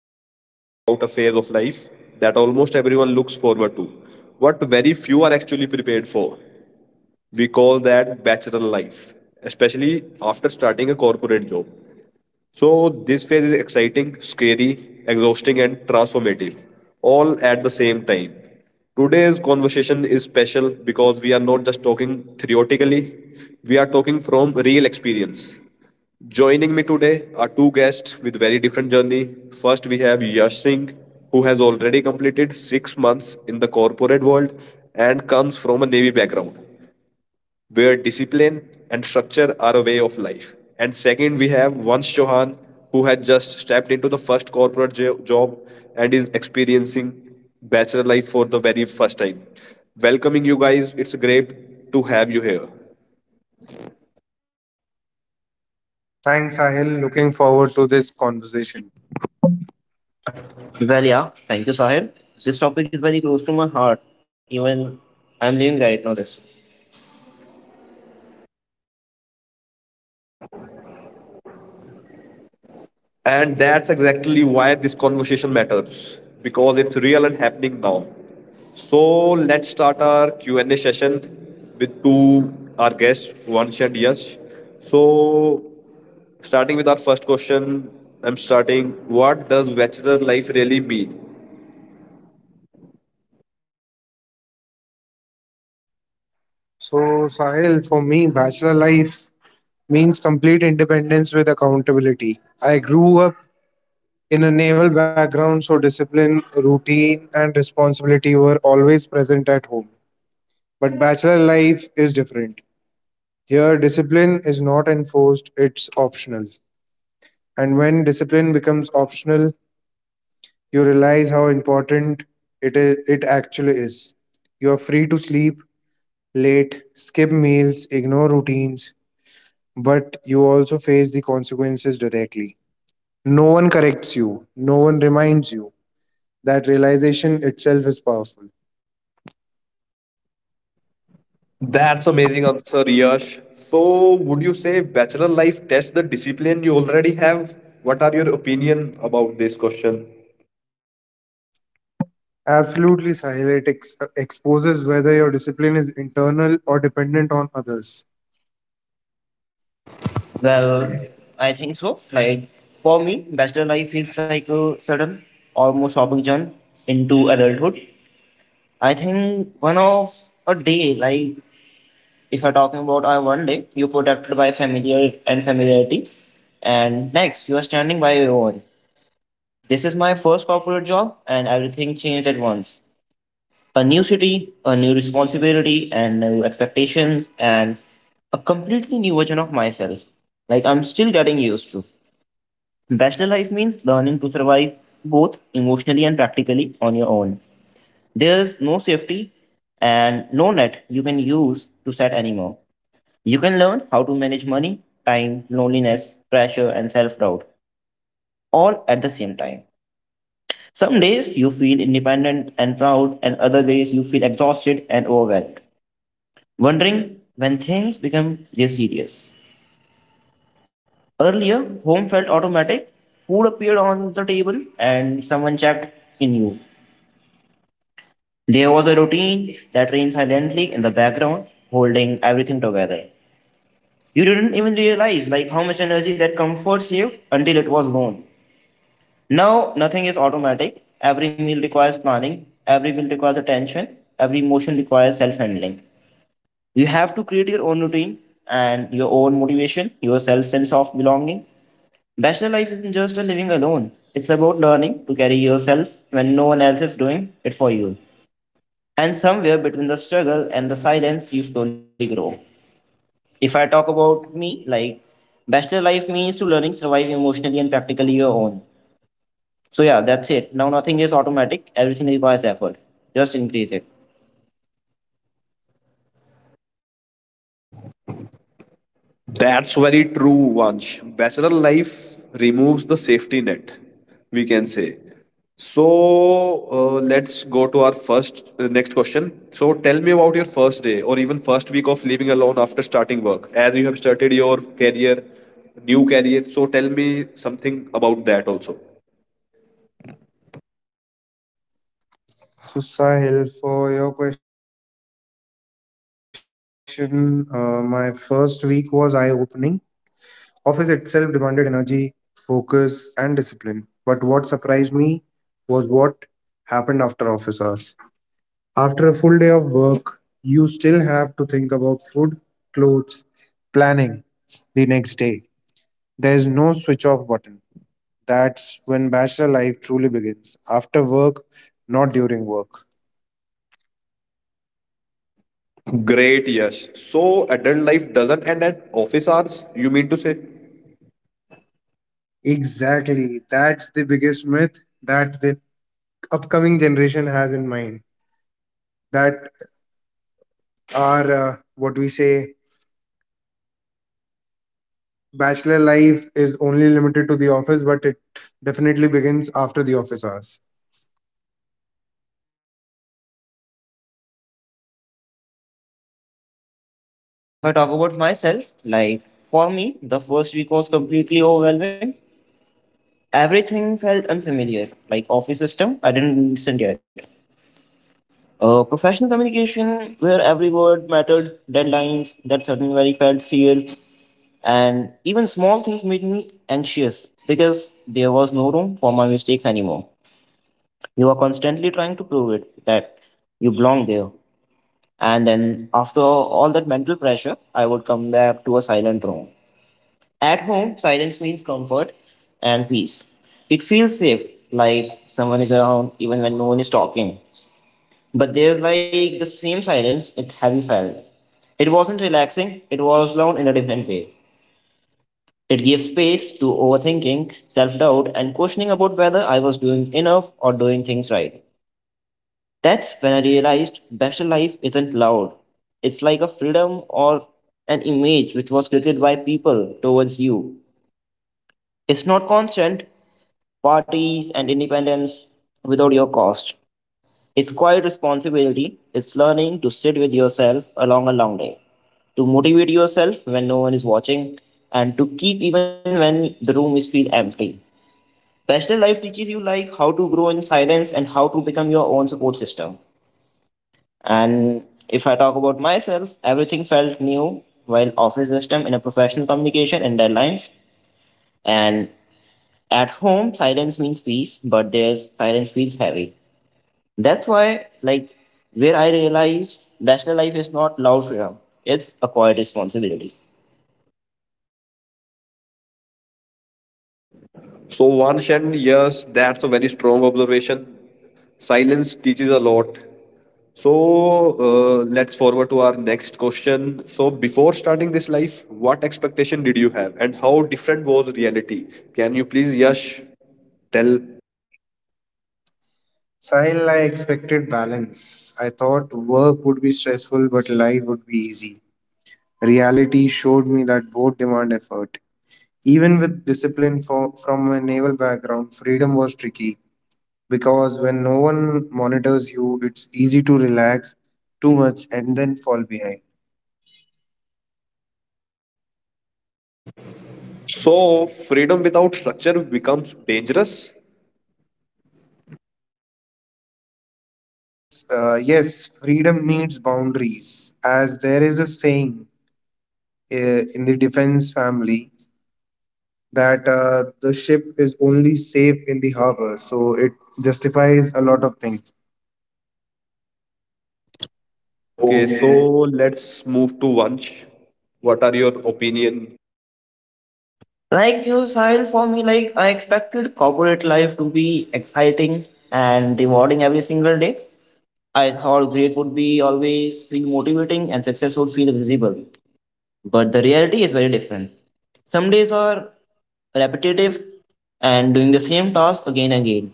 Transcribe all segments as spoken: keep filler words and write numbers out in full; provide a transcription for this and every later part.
we are talking about a phase of life that almost everyone looks forward to, but very few are actually prepared for. We call that bachelor life, especially after starting a corporate job. So this phase is exciting, scary, exhausting, and transformative, all at the same time. Today's conversation is special because we are not just talking theoretically, we are talking from real experience. Joining me today are two guests with very different journey. First, we have Yash Singh, who has already completed six months in the corporate world and comes from a Navy background where discipline and structure are a way of life. And second, we have Vansh Chauhan, who had just stepped into the first corporate jo- job and is experiencing bachelor life for the very first time. Welcoming you guys, it's great to have you here. Thanks, Sahil. Looking forward to this conversation. Well, yeah, thank you, Sahil. This topic is very close to my heart, even I'm living right now. This. And that's exactly why this conversation matters because it's real and happening now. So let's start our Q and A session with two our guests, Vansh and Yash. So Starting with our first question, I'm starting. What does bachelor life really mean? So, Sahil, for me, bachelor life means complete independence with accountability. I grew up in a naval background, so discipline, routine, and responsibility were always present at home. But bachelor life is different. Here, discipline is not enforced, it's optional. And when discipline becomes optional, you realize how important it, is, it actually is. You are free to sleep, late, skip meals, ignore routines, but you also face the consequences directly. No one corrects you, no one reminds you. That realization itself is powerful. That's amazing answer, Yash. So, would you say bachelor life tests the discipline you already have? What are your opinion about this question? Absolutely, Sahil. It ex- exposes whether your discipline is internal or dependent on others. Well, I think so. Like for me, bachelor life feels like a sudden, almost hopping jump into adulthood. I think one of a day, like if I'm talking about our one day, you're protected by familiar and familiarity, and next you are standing by your own. This is my first corporate job, and everything changed at once. A new city, a new responsibility, and new expectations, and a completely new version of myself. Like I'm still getting used to. Bachelor life means learning to survive both emotionally and practically on your own. There's no safety and no net you can use to set anymore. You can learn how to manage money, time, loneliness, pressure, and self doubt all at the same time. Some days you feel independent and proud, and other days you feel exhausted and overwhelmed, wondering when things became their serious. Earlier, home felt automatic. Food appeared on the table and someone checked in you. There was a routine that reigned silently in the background, holding everything together. You didn't even realize like how much energy that comforts you until it was gone. Now nothing is automatic. Every meal requires planning, every meal requires attention, every emotion requires self-handling. You have to create your own routine and your own motivation, your self sense of belonging. Bachelor life isn't just a living alone, it's about learning to carry yourself when no one else is doing it for you. And somewhere between the struggle and the silence, you slowly grow. If I talk about me, like, bachelor life means to learning, survive emotionally, and practically your own. So, yeah, that's it. Now, nothing is automatic, everything requires effort. Just increase it. That's very true, Vansh. Bachelor life removes the safety net, we can say. So uh, let's go to our first uh, next question. So tell me about your first day or even first week of living alone after starting work, as you have started your career, new career. So tell me something about that also. So, Sahil, for your question, uh, my first week was eye opening. Office itself demanded energy, focus, and discipline. But what surprised me was what happened after office hours. After a full day of work, you still have to think about food, clothes, planning the next day. There is no switch off button. That's when bachelor life truly begins. After work, not during work. Great, yes. So adult life doesn't end at office hours, you mean to say? Exactly. That's the biggest myth that the upcoming generation has in mind, that our uh, what we say bachelor life is only limited to the office, but it definitely begins after the office hours. And if I talk about myself, like, for me, the first week was completely overwhelming. Everything felt unfamiliar, like office system, I didn't understand yet. Uh, professional communication, where every word mattered, deadlines that certainly felt real, and even small things made me anxious because there was no room for my mistakes anymore. You are constantly trying to prove it that you belong there. And then, after all that mental pressure, I would come back to a silent room. At home, silence means comfort and peace. It feels safe, like someone is around even when no one is talking. But there's like the same silence it heavy felt. It wasn't relaxing, it was loud in a different way. It gave space to overthinking, self doubt, and questioning about whether I was doing enough or doing things right. That's when I realized bachelor life isn't loud. It's like a freedom or an image which was created by people towards you. It's not constant parties and independence without your cost. It's quite responsibility. It's learning to sit with yourself along a long day, to motivate yourself when no one is watching, and to keep even when the room is feel empty. Pastel life teaches you like how to grow in silence and how to become your own support system. And if I talk about myself, everything felt new while office system in a professional communication and deadlines. And at home, silence means peace, but there's silence feels heavy. That's why, like, where I realized bachelor life is not loud freedom, it's a quiet responsibility. So Vansh and yes, that's a very strong observation. Silence teaches a lot. So uh, let's forward to our next question. So before starting this life, what expectation did you have, and how different was reality? Can you please, Yash, tell? Sahil, I expected balance. I thought work would be stressful, but life would be easy. Reality showed me that both demand effort. Even with discipline for, from a naval background, freedom was tricky because when no one monitors you, it's easy to relax too much and then fall behind. So freedom without structure becomes dangerous. Uh, yes, freedom needs boundaries, as there is a saying uh, in the defense family that uh, the ship is only safe in the harbor, so it justifies a lot of things. Okay, so Okay. let's move to Vansh. What are your opinion? Like you, Sahil, for me, like, I expected corporate life to be exciting and rewarding every single day. I thought great would be always feel motivating and success would feel visible. But the reality is very different. Some days are repetitive and doing the same task again and again.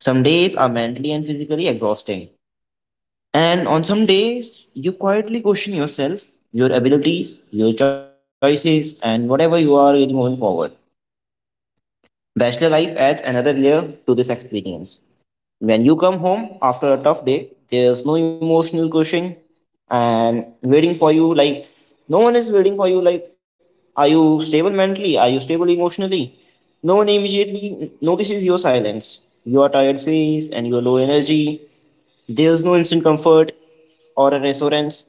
Some days are mentally and physically exhausting. And on some days, you quietly question yourself, your abilities, your choices, and whatever you are in moving forward. Bachelor life adds another layer to this experience. When you come home after a tough day, there's no emotional cushion and waiting for you. Like, no one is waiting for you. Like, are you stable mentally? Are you stable emotionally? No one immediately notices your silence, your tired face, and your low energy. There's no instant comfort or a reassurance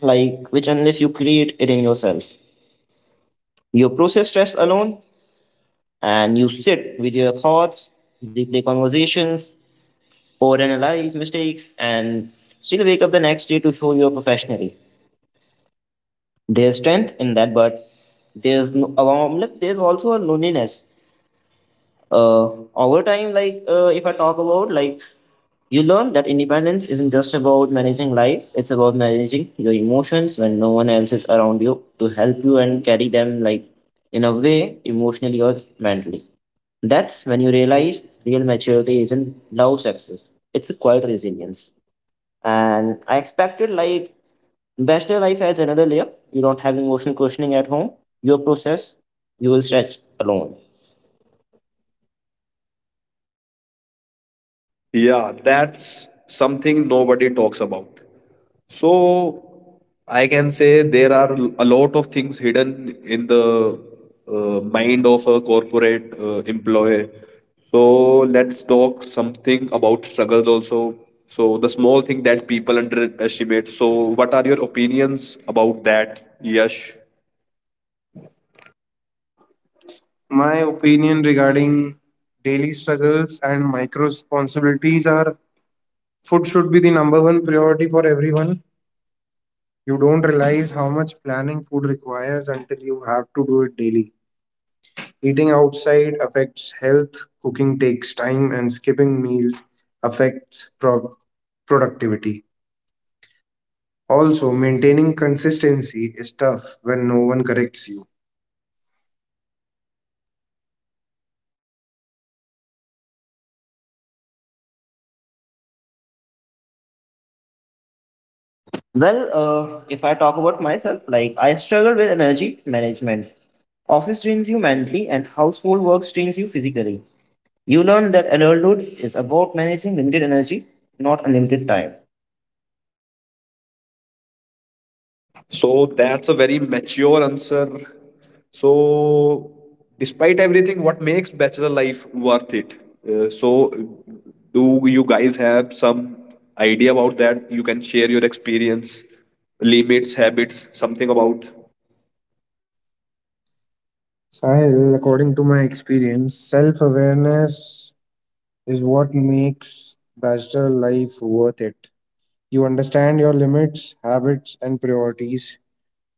like which unless you create it in yourself. You process stress alone and you sit with your thoughts, replay conversations, overanalyze mistakes, and still wake up the next day to show you're professionally. There's strength in that, but there's no, um, there's also a loneliness uh, over time. Like uh, if i talk about like you learn that independence isn't just about managing life, it's about managing your emotions when no one else is around you to help you and carry them, like in a way emotionally or mentally. That's when you realize real maturity isn't loud success, it's a quiet resilience. And I expected like bachelor life adds another layer. You don't have emotional questioning at home. Your process, you will stretch alone. Yeah, that's something nobody talks about. So I can say there are a lot of things hidden in the uh, mind of a corporate uh, employee. So let's talk something about struggles also. So the small thing that people underestimate. So what are your opinions about that? Yes. My opinion regarding daily struggles and micro responsibilities are food should be the number one priority for everyone. You don't realize how much planning food requires until you have to do it daily. Eating outside affects health, cooking takes time, and skipping meals affects pro- productivity. Also, maintaining consistency is tough when no one corrects you. Well, uh, if I talk about myself, like I struggle with energy management. Office drains you mentally, and household work drains you physically. You learn that adulthood is about managing limited energy, not unlimited time. So that's a very mature answer. So, despite everything, what makes bachelor life worth it? Uh, so, do you guys have some idea about that? You can share your experience, limits, habits, something about. Sahil, according to my experience, self awareness is what makes bachelor life worth it. You understand your limits, habits, and priorities.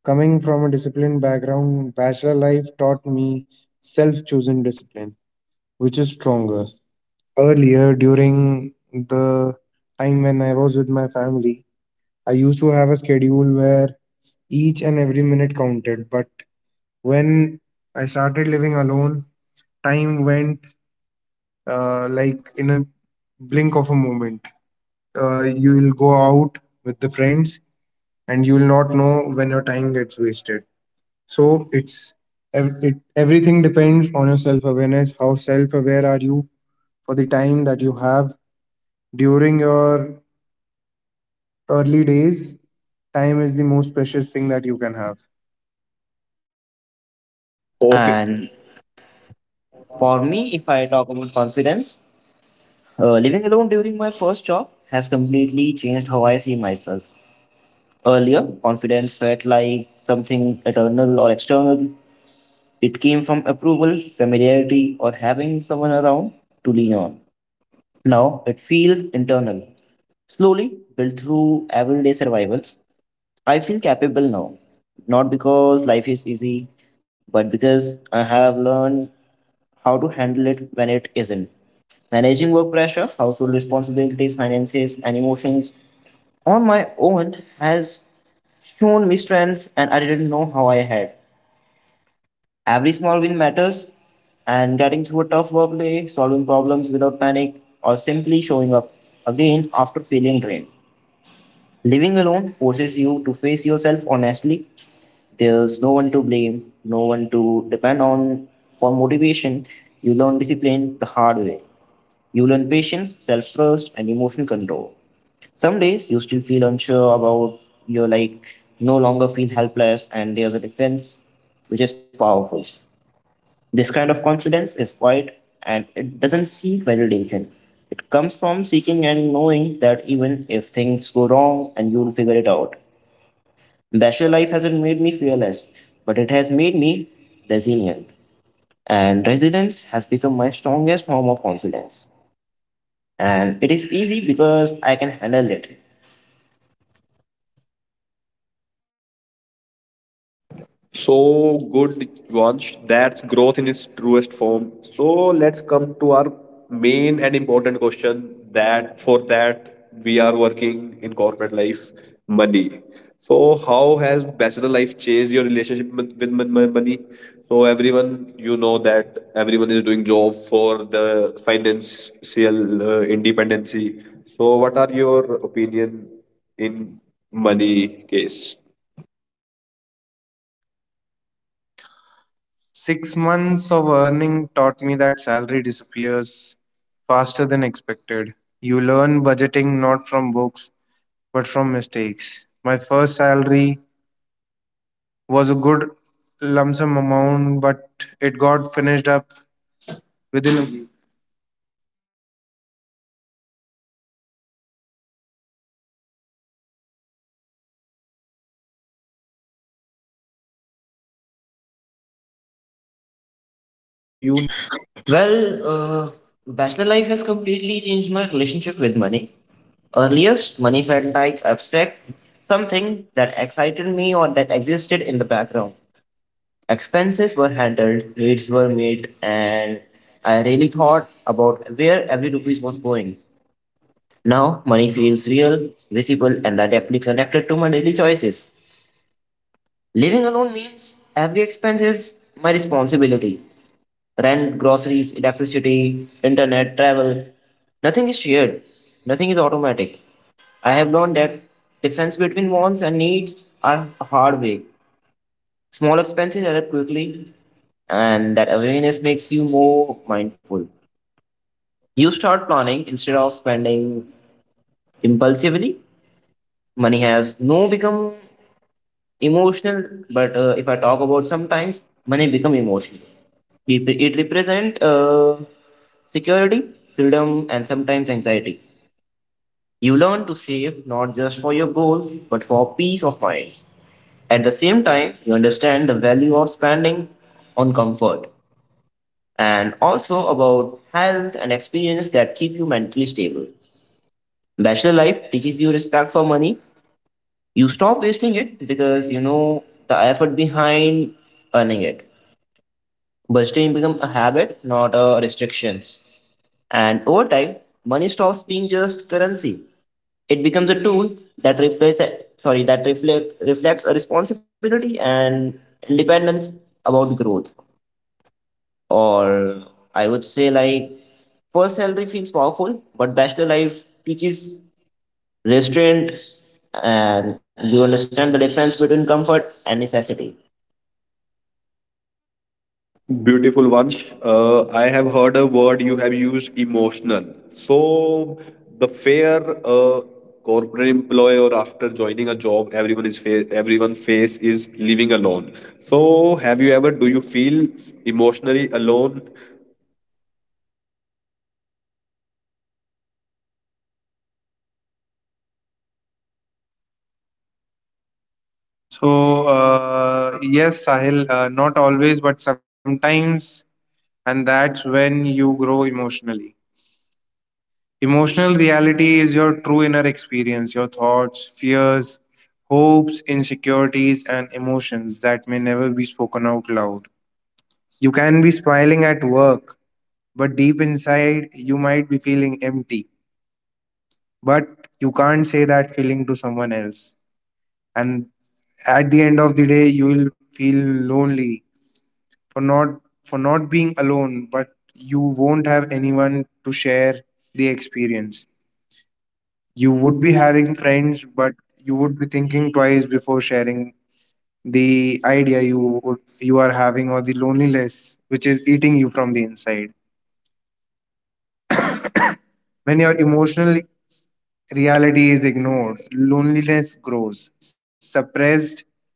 Coming from a disciplined background, bachelor life taught me self chosen discipline, which is stronger. Earlier, during the time when I was with my family, I used to have a schedule where each and every minute counted. But when I started living alone, time went uh, like in a blink of a moment. Uh, you will go out with the friends and you will not know when your time gets wasted. So it's ev- it, everything depends on your self awareness. How self aware are you for the time that you have during your early days? Time is the most precious thing that you can have. Okay, And for me, if I talk about confidence, uh, living alone during my first job has completely changed how I see myself. Earlier, confidence felt like something eternal or external. It came from approval, familiarity, or having someone around to lean on. Now it feels internal, slowly built through everyday survival. I feel capable now, not because life is easy, but because I have learned how to handle it when it isn't. Managing work pressure, household responsibilities, finances, and emotions on my own has shown me strengths and I didn't know how I had. Every small win matters, and getting through a tough work day, solving problems without panic, or simply showing up again after feeling drained. Living alone forces you to face yourself honestly. There's no one to blame, no one to depend on for motivation. You learn discipline the hard way. You learn patience, self trust, and emotional control. Some days you still feel unsure about your like no longer feel helpless, and there's a defense which is powerful. This kind of confidence is quiet and it doesn't seek validation. It comes from seeking and knowing that even if things go wrong and you'll figure it out. Bachelor life hasn't made me fearless, but it has made me resilient. And resilience has become my strongest form of confidence. And it is easy because I can handle it. so good, Vansh. That's growth in its truest form. So let's come to our main and important question that for that we are working in corporate life money. So, how has bachelor life changed your relationship with, with mon- mon- money? So, everyone, you know that everyone is doing job for the financial uh, independency. So, what are your opinion in money case? Six months of earning taught me that salary disappears faster than expected. You learn budgeting not from books but from mistakes. My first salary was a good lump sum amount, but it got finished up within a week. So you need to focus on your expenses so that you can manage within the salary which is provided. Well, uh, bachelor life has completely changed my relationship with money. Earliest, money felt like abstract, something that excited me or that existed in the background. Expenses were handled, needs were made, and I really thought about where every rupees was going. Now, money feels real, visible, and directly connected to my daily choices. Living alone means every expense is my responsibility: rent, groceries, electricity, internet, travel. Nothing is shared, nothing is automatic. I have learned that difference between wants and needs are hard way. Small expenses add up quickly, and that awareness makes you more mindful. You start planning instead of spending impulsively. Money has no become emotional, but uh, if I talk about sometimes money become emotional. It, it represent uh, security, freedom, and sometimes anxiety. You learn to save not just for your goals but for peace of mind. At the same time you understand the value of spending on comfort and also about health and experience that keep you mentally stable. Bachelor life teaches you respect for money. You stop wasting it because you know the effort behind earning it. Budgeting becomes a habit, not a restriction. And over time, money stops being just currency. It becomes a tool that reflects, sorry, that reflect, reflects a responsibility and independence about growth. Or I would say like first salary feels powerful, but bachelor life teaches restraint and you understand the difference between comfort and necessity. Beautiful Vansh. Uh, I have heard a word you have used emotional. So, the fair uh, corporate employee or after joining a job, everyone is fa- everyone face is living alone. So, have you ever do you feel emotionally alone? So, uh, yes, Sahil, uh, not always, but sometimes, and that's when you grow emotionally. Emotional reality is your true inner experience, your thoughts, fears, hopes, insecurities, and emotions that may never be spoken out loud. You can be smiling at work, but deep inside, you might be feeling empty, but you can't say that feeling to someone else. And at the end of the day, you will feel lonely for not for not being alone, but you won't have anyone to share the experience. You would be having friends, but you would be thinking twice before sharing the idea you would, you are having, or the loneliness which is eating you from the inside. When your emotional reality is ignored, loneliness grows. Suppressed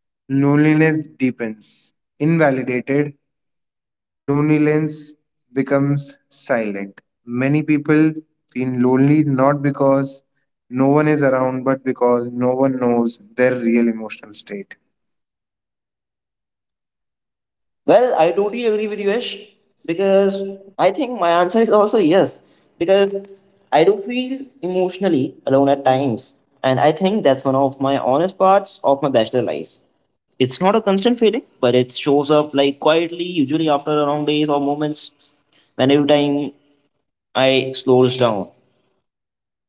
loneliness deepens. Invalidated, loneliness becomes silent. Many people feel lonely not because no one is around, but because no one knows their real emotional state. Well, I totally agree with you, Yash, because I think my answer is also yes, because I do feel emotionally alone at times, and I think that's one of my honest parts of my bachelor lives. It's not a constant feeling, but it shows up like quietly, usually after long days or moments. When every time I slows down,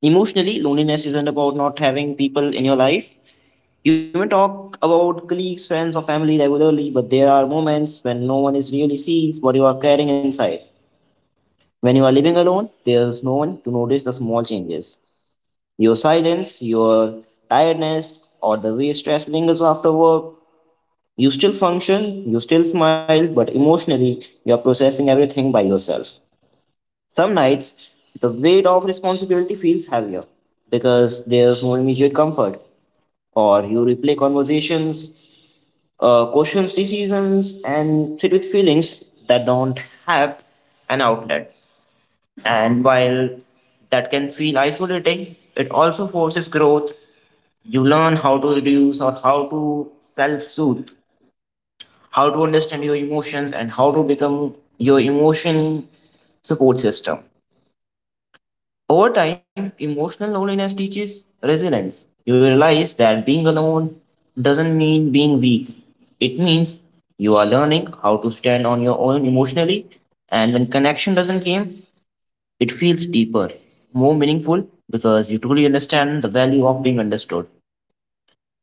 emotionally, loneliness isn't about not having people in your life. You may talk about colleagues, friends, or family regularly, but there are moments when no one is really sees what you are carrying inside. When you are living alone, there's no one to notice the small changes. Your silence, your tiredness, or the way stress lingers after work. You still function, you still smile, but emotionally, you are processing everything by yourself. Some nights, the weight of responsibility feels heavier because there's no immediate comfort, or you replay conversations, uh, questions, decisions, and sit with feelings that don't have an outlet. And while that can feel isolating, it also forces growth. You learn how to reduce or how to self soothe, how to understand your emotions, and how to become your emotion support system. Over time, emotional loneliness teaches resilience. You realize that being alone doesn't mean being weak. It means you are learning how to stand on your own emotionally, and when connection doesn't come, it feels deeper, more meaningful because you truly understand the value of being understood.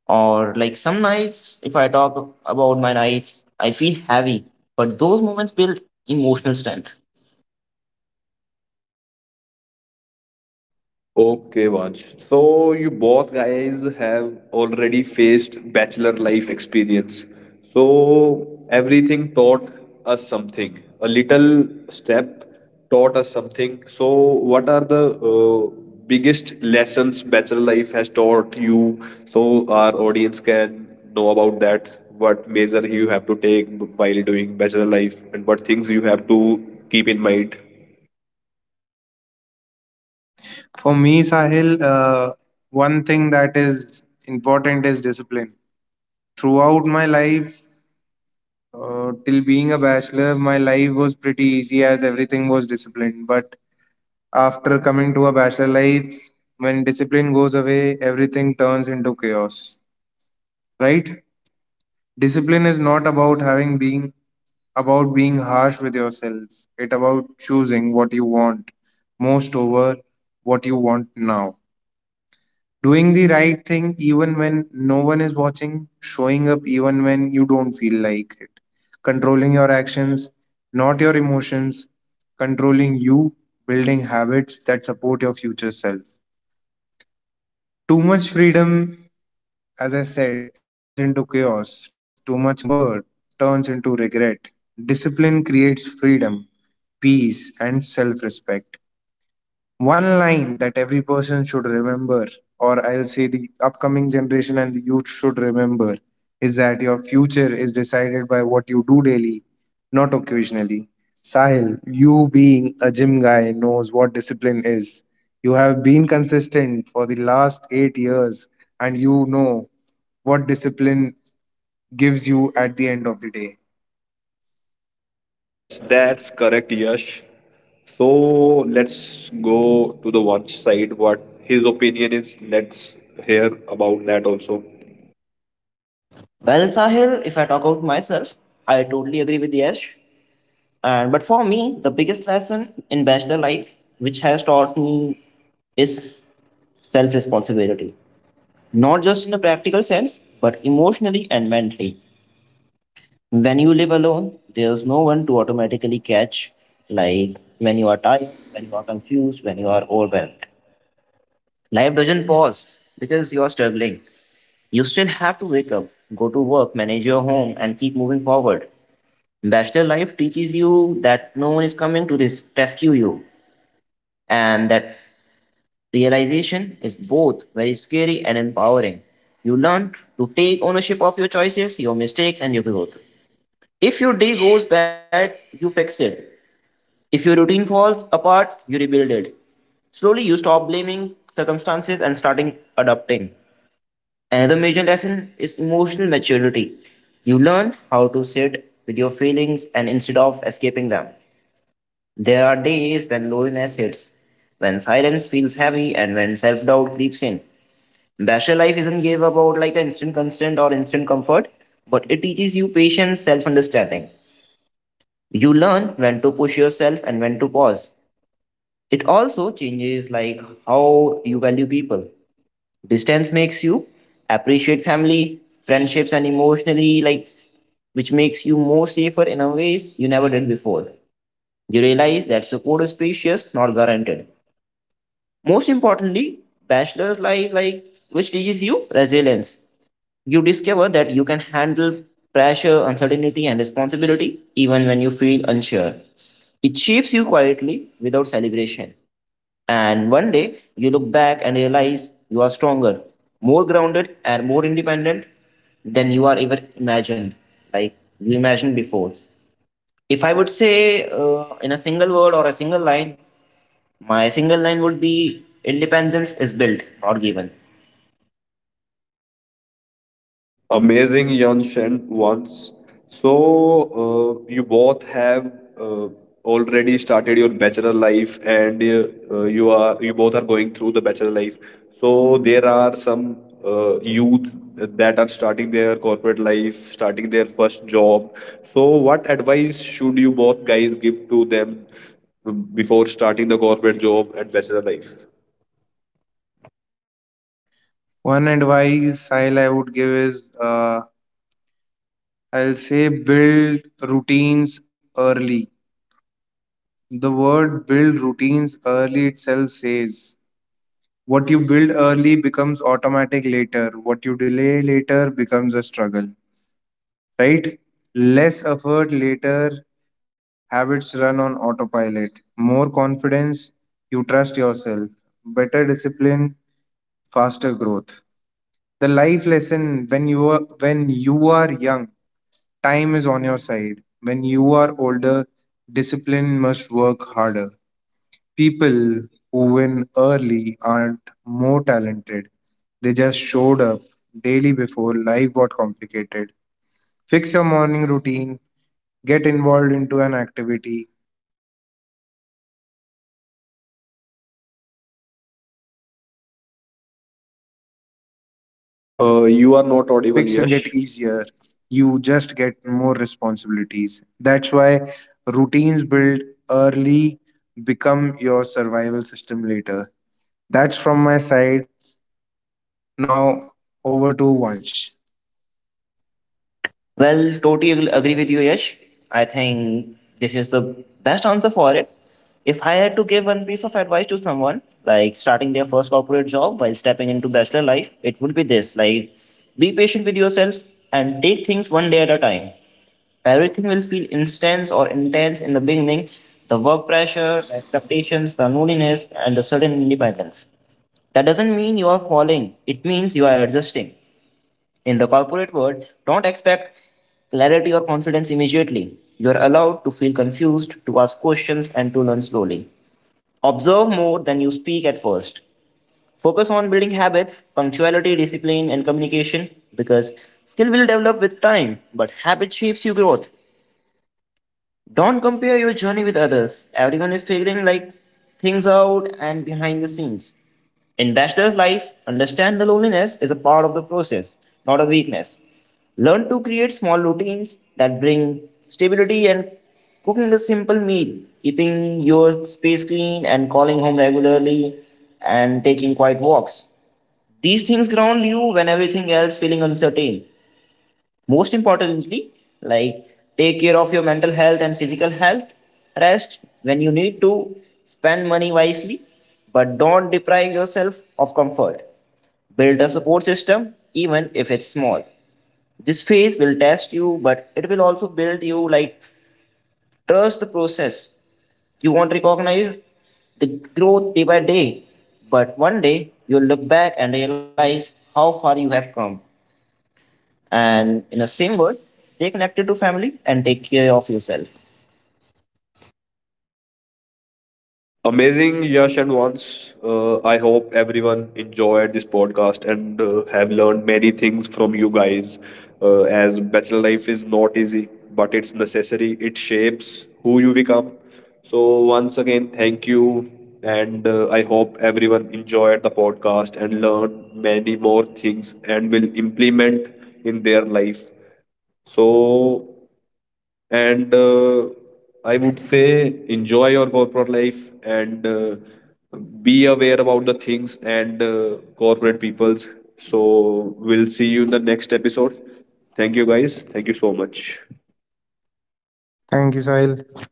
Or like some nights, if I talk about my nights, I feel heavy, but those moments build emotional strength. Okay, Vansh. So you both guys have already faced bachelor life experience. So everything taught us something. A little step taught us something. So what are the uh, biggest lessons bachelor life has taught you? So our audience can know about that. What measure you have to take while doing bachelor life, and what things you have to keep in mind. For me, Sahil, uh, one thing that is important is discipline. Throughout my life, uh, till being a bachelor, my life was pretty easy as everything was disciplined. But after coming to a bachelor life, when discipline goes away, everything turns into chaos, right? Discipline is not about having being about being harsh with yourself. It about choosing what you want most over what you want now. Doing the right thing even when no one is watching, showing up even when you don't feel like it. Controlling your actions, not your emotions, controlling you, building habits that support your future self. Too much freedom, as I said, it turns into chaos. Too much comfort turns into regret. Discipline creates freedom, peace, and self respect. One line that every person should remember, or I'll say the upcoming generation and the youth should remember, is that your future is decided by what you do daily, not occasionally. Sahil, you being a gym guy knows what discipline is. You have been consistent for the last eight years and you know what discipline gives you at the end of the day. Yes, that's correct, Yash. So let's go to the one side. What his opinion is. Let's hear about that also. Well, Sahil, if I talk about myself, I totally agree with Yash. And but for me, the biggest lesson in bachelor life, which has taught me, is self responsibility. Not just in a practical sense, but emotionally and mentally. When you live alone, there's no one to automatically catch, like when you are tired, when you are confused, when you are overwhelmed. Life doesn't pause because you are struggling. You still have to wake up, go to work, manage your home, and keep moving forward. Bachelor life teaches you that no one is coming to this rescue you. And that realization is both very scary and empowering. You learn to take ownership of your choices, your mistakes, and your growth. If your day goes bad, you fix it. If your routine falls apart, you rebuild it. Slowly, you stop blaming circumstances and starting adapting. Another major lesson is emotional maturity. You learn how to sit with your feelings and instead of escaping them. There are days when loneliness hits, when silence feels heavy, and when self doubt creeps in. Bachelor life isn't give about like an instant constant or instant comfort, but it teaches you patience, self understanding. You learn when to push yourself and when to pause. It also changes like how you value people. Distance makes you appreciate family, friendships, and emotionally like which makes you more safer in a ways you never did before. You realize that support is precious, not guaranteed. Most importantly, bachelor's life like which teaches you resilience. You discover that you can handle pressure, uncertainty, and responsibility even when you feel unsure. It shapes you quietly without celebration. And one day you look back and realize you are stronger, more grounded, and more independent than you are ever imagined, like you imagined before. If I would say uh, in a single word or a single line, my single line would be independence is built, not given. Amazing, Yanshen, once. So, uh, you both have uh, already started your bachelor life, and uh, uh, you are you both are going through the bachelor life. So, there are some uh, youth that are starting their corporate life, starting their first job. So, what advice should you both guys give to them um, before starting the corporate job and bachelor life? One advice, Sahil, I would give is, uh, I'll say build routines early. The word build routines early itself says what you build early becomes automatic later, what you delay later becomes a struggle, right? Less effort later, habits run on autopilot. More confidence, you trust yourself. Better discipline, faster growth. The life lesson: when you are, when you are young, time is on your side. When you are older, discipline must work harder. People who win early aren't more talented. They just showed up daily before life got complicated. Fix your morning routine, get involved into an activity, fix your eating habits, build a good sleep cycle, build a emotional routine, build a focus routine. And the hard truth is that Uh, you are not life audible, doesn't get Yash. easier, you just get more responsibilities. That's why routines built early become your survival system later. That's from my side. Now over to Vansh. Well, totally ag- agree with you, Yash. I think this is the best answer for it. If I had to give one piece of advice to someone, like starting their first corporate job while stepping into bachelor life, it would be this like, be patient with yourself and take things one day at a time. Everything will feel intense or intense in the beginning, the work pressure, the expectations, the loneliness, and the sudden independence. That doesn't mean you are falling, it means you are adjusting. In the corporate world, don't expect clarity or confidence immediately. You are allowed to feel confused, to ask questions, and to learn slowly. Observe more than you speak at first. Focus on building habits, punctuality, discipline, and communication because skill will develop with time, but habit shapes your growth. Don't compare your journey with others. Everyone is figuring like things out and behind the scenes. In bachelor's life, understand the loneliness is a part of the process, not a weakness. Learn to create small routines that bring stability and cooking a simple meal, keeping your space clean and calling home regularly and taking quiet walks. These things ground you when everything else feeling uncertain. Most importantly, like take care of your mental health and physical health. Rest when you need to, spend money wisely, but don't deprive yourself of comfort. Build a support system, even if it's small. This phase will test you, but it will also build you like trust the process. You won't recognize the growth day by day, but one day you'll look back and realize how far you have come. And in the same word, stay connected to family and take care of yourself. Amazing, Yash and Vance. Uh, I hope everyone enjoyed this podcast and uh, have learned many things from you guys. Uh, as bachelor life is not easy, but it's necessary. It shapes who you become. So once again, thank you, and uh, I hope everyone enjoyed the podcast and learned many more things and will implement in their life. So and uh, I would say enjoy your corporate life and uh, be aware about the things and uh, corporate peoples. So we'll see you in the next episode. Thank you guys, thank you so much. Thank you, Sahil.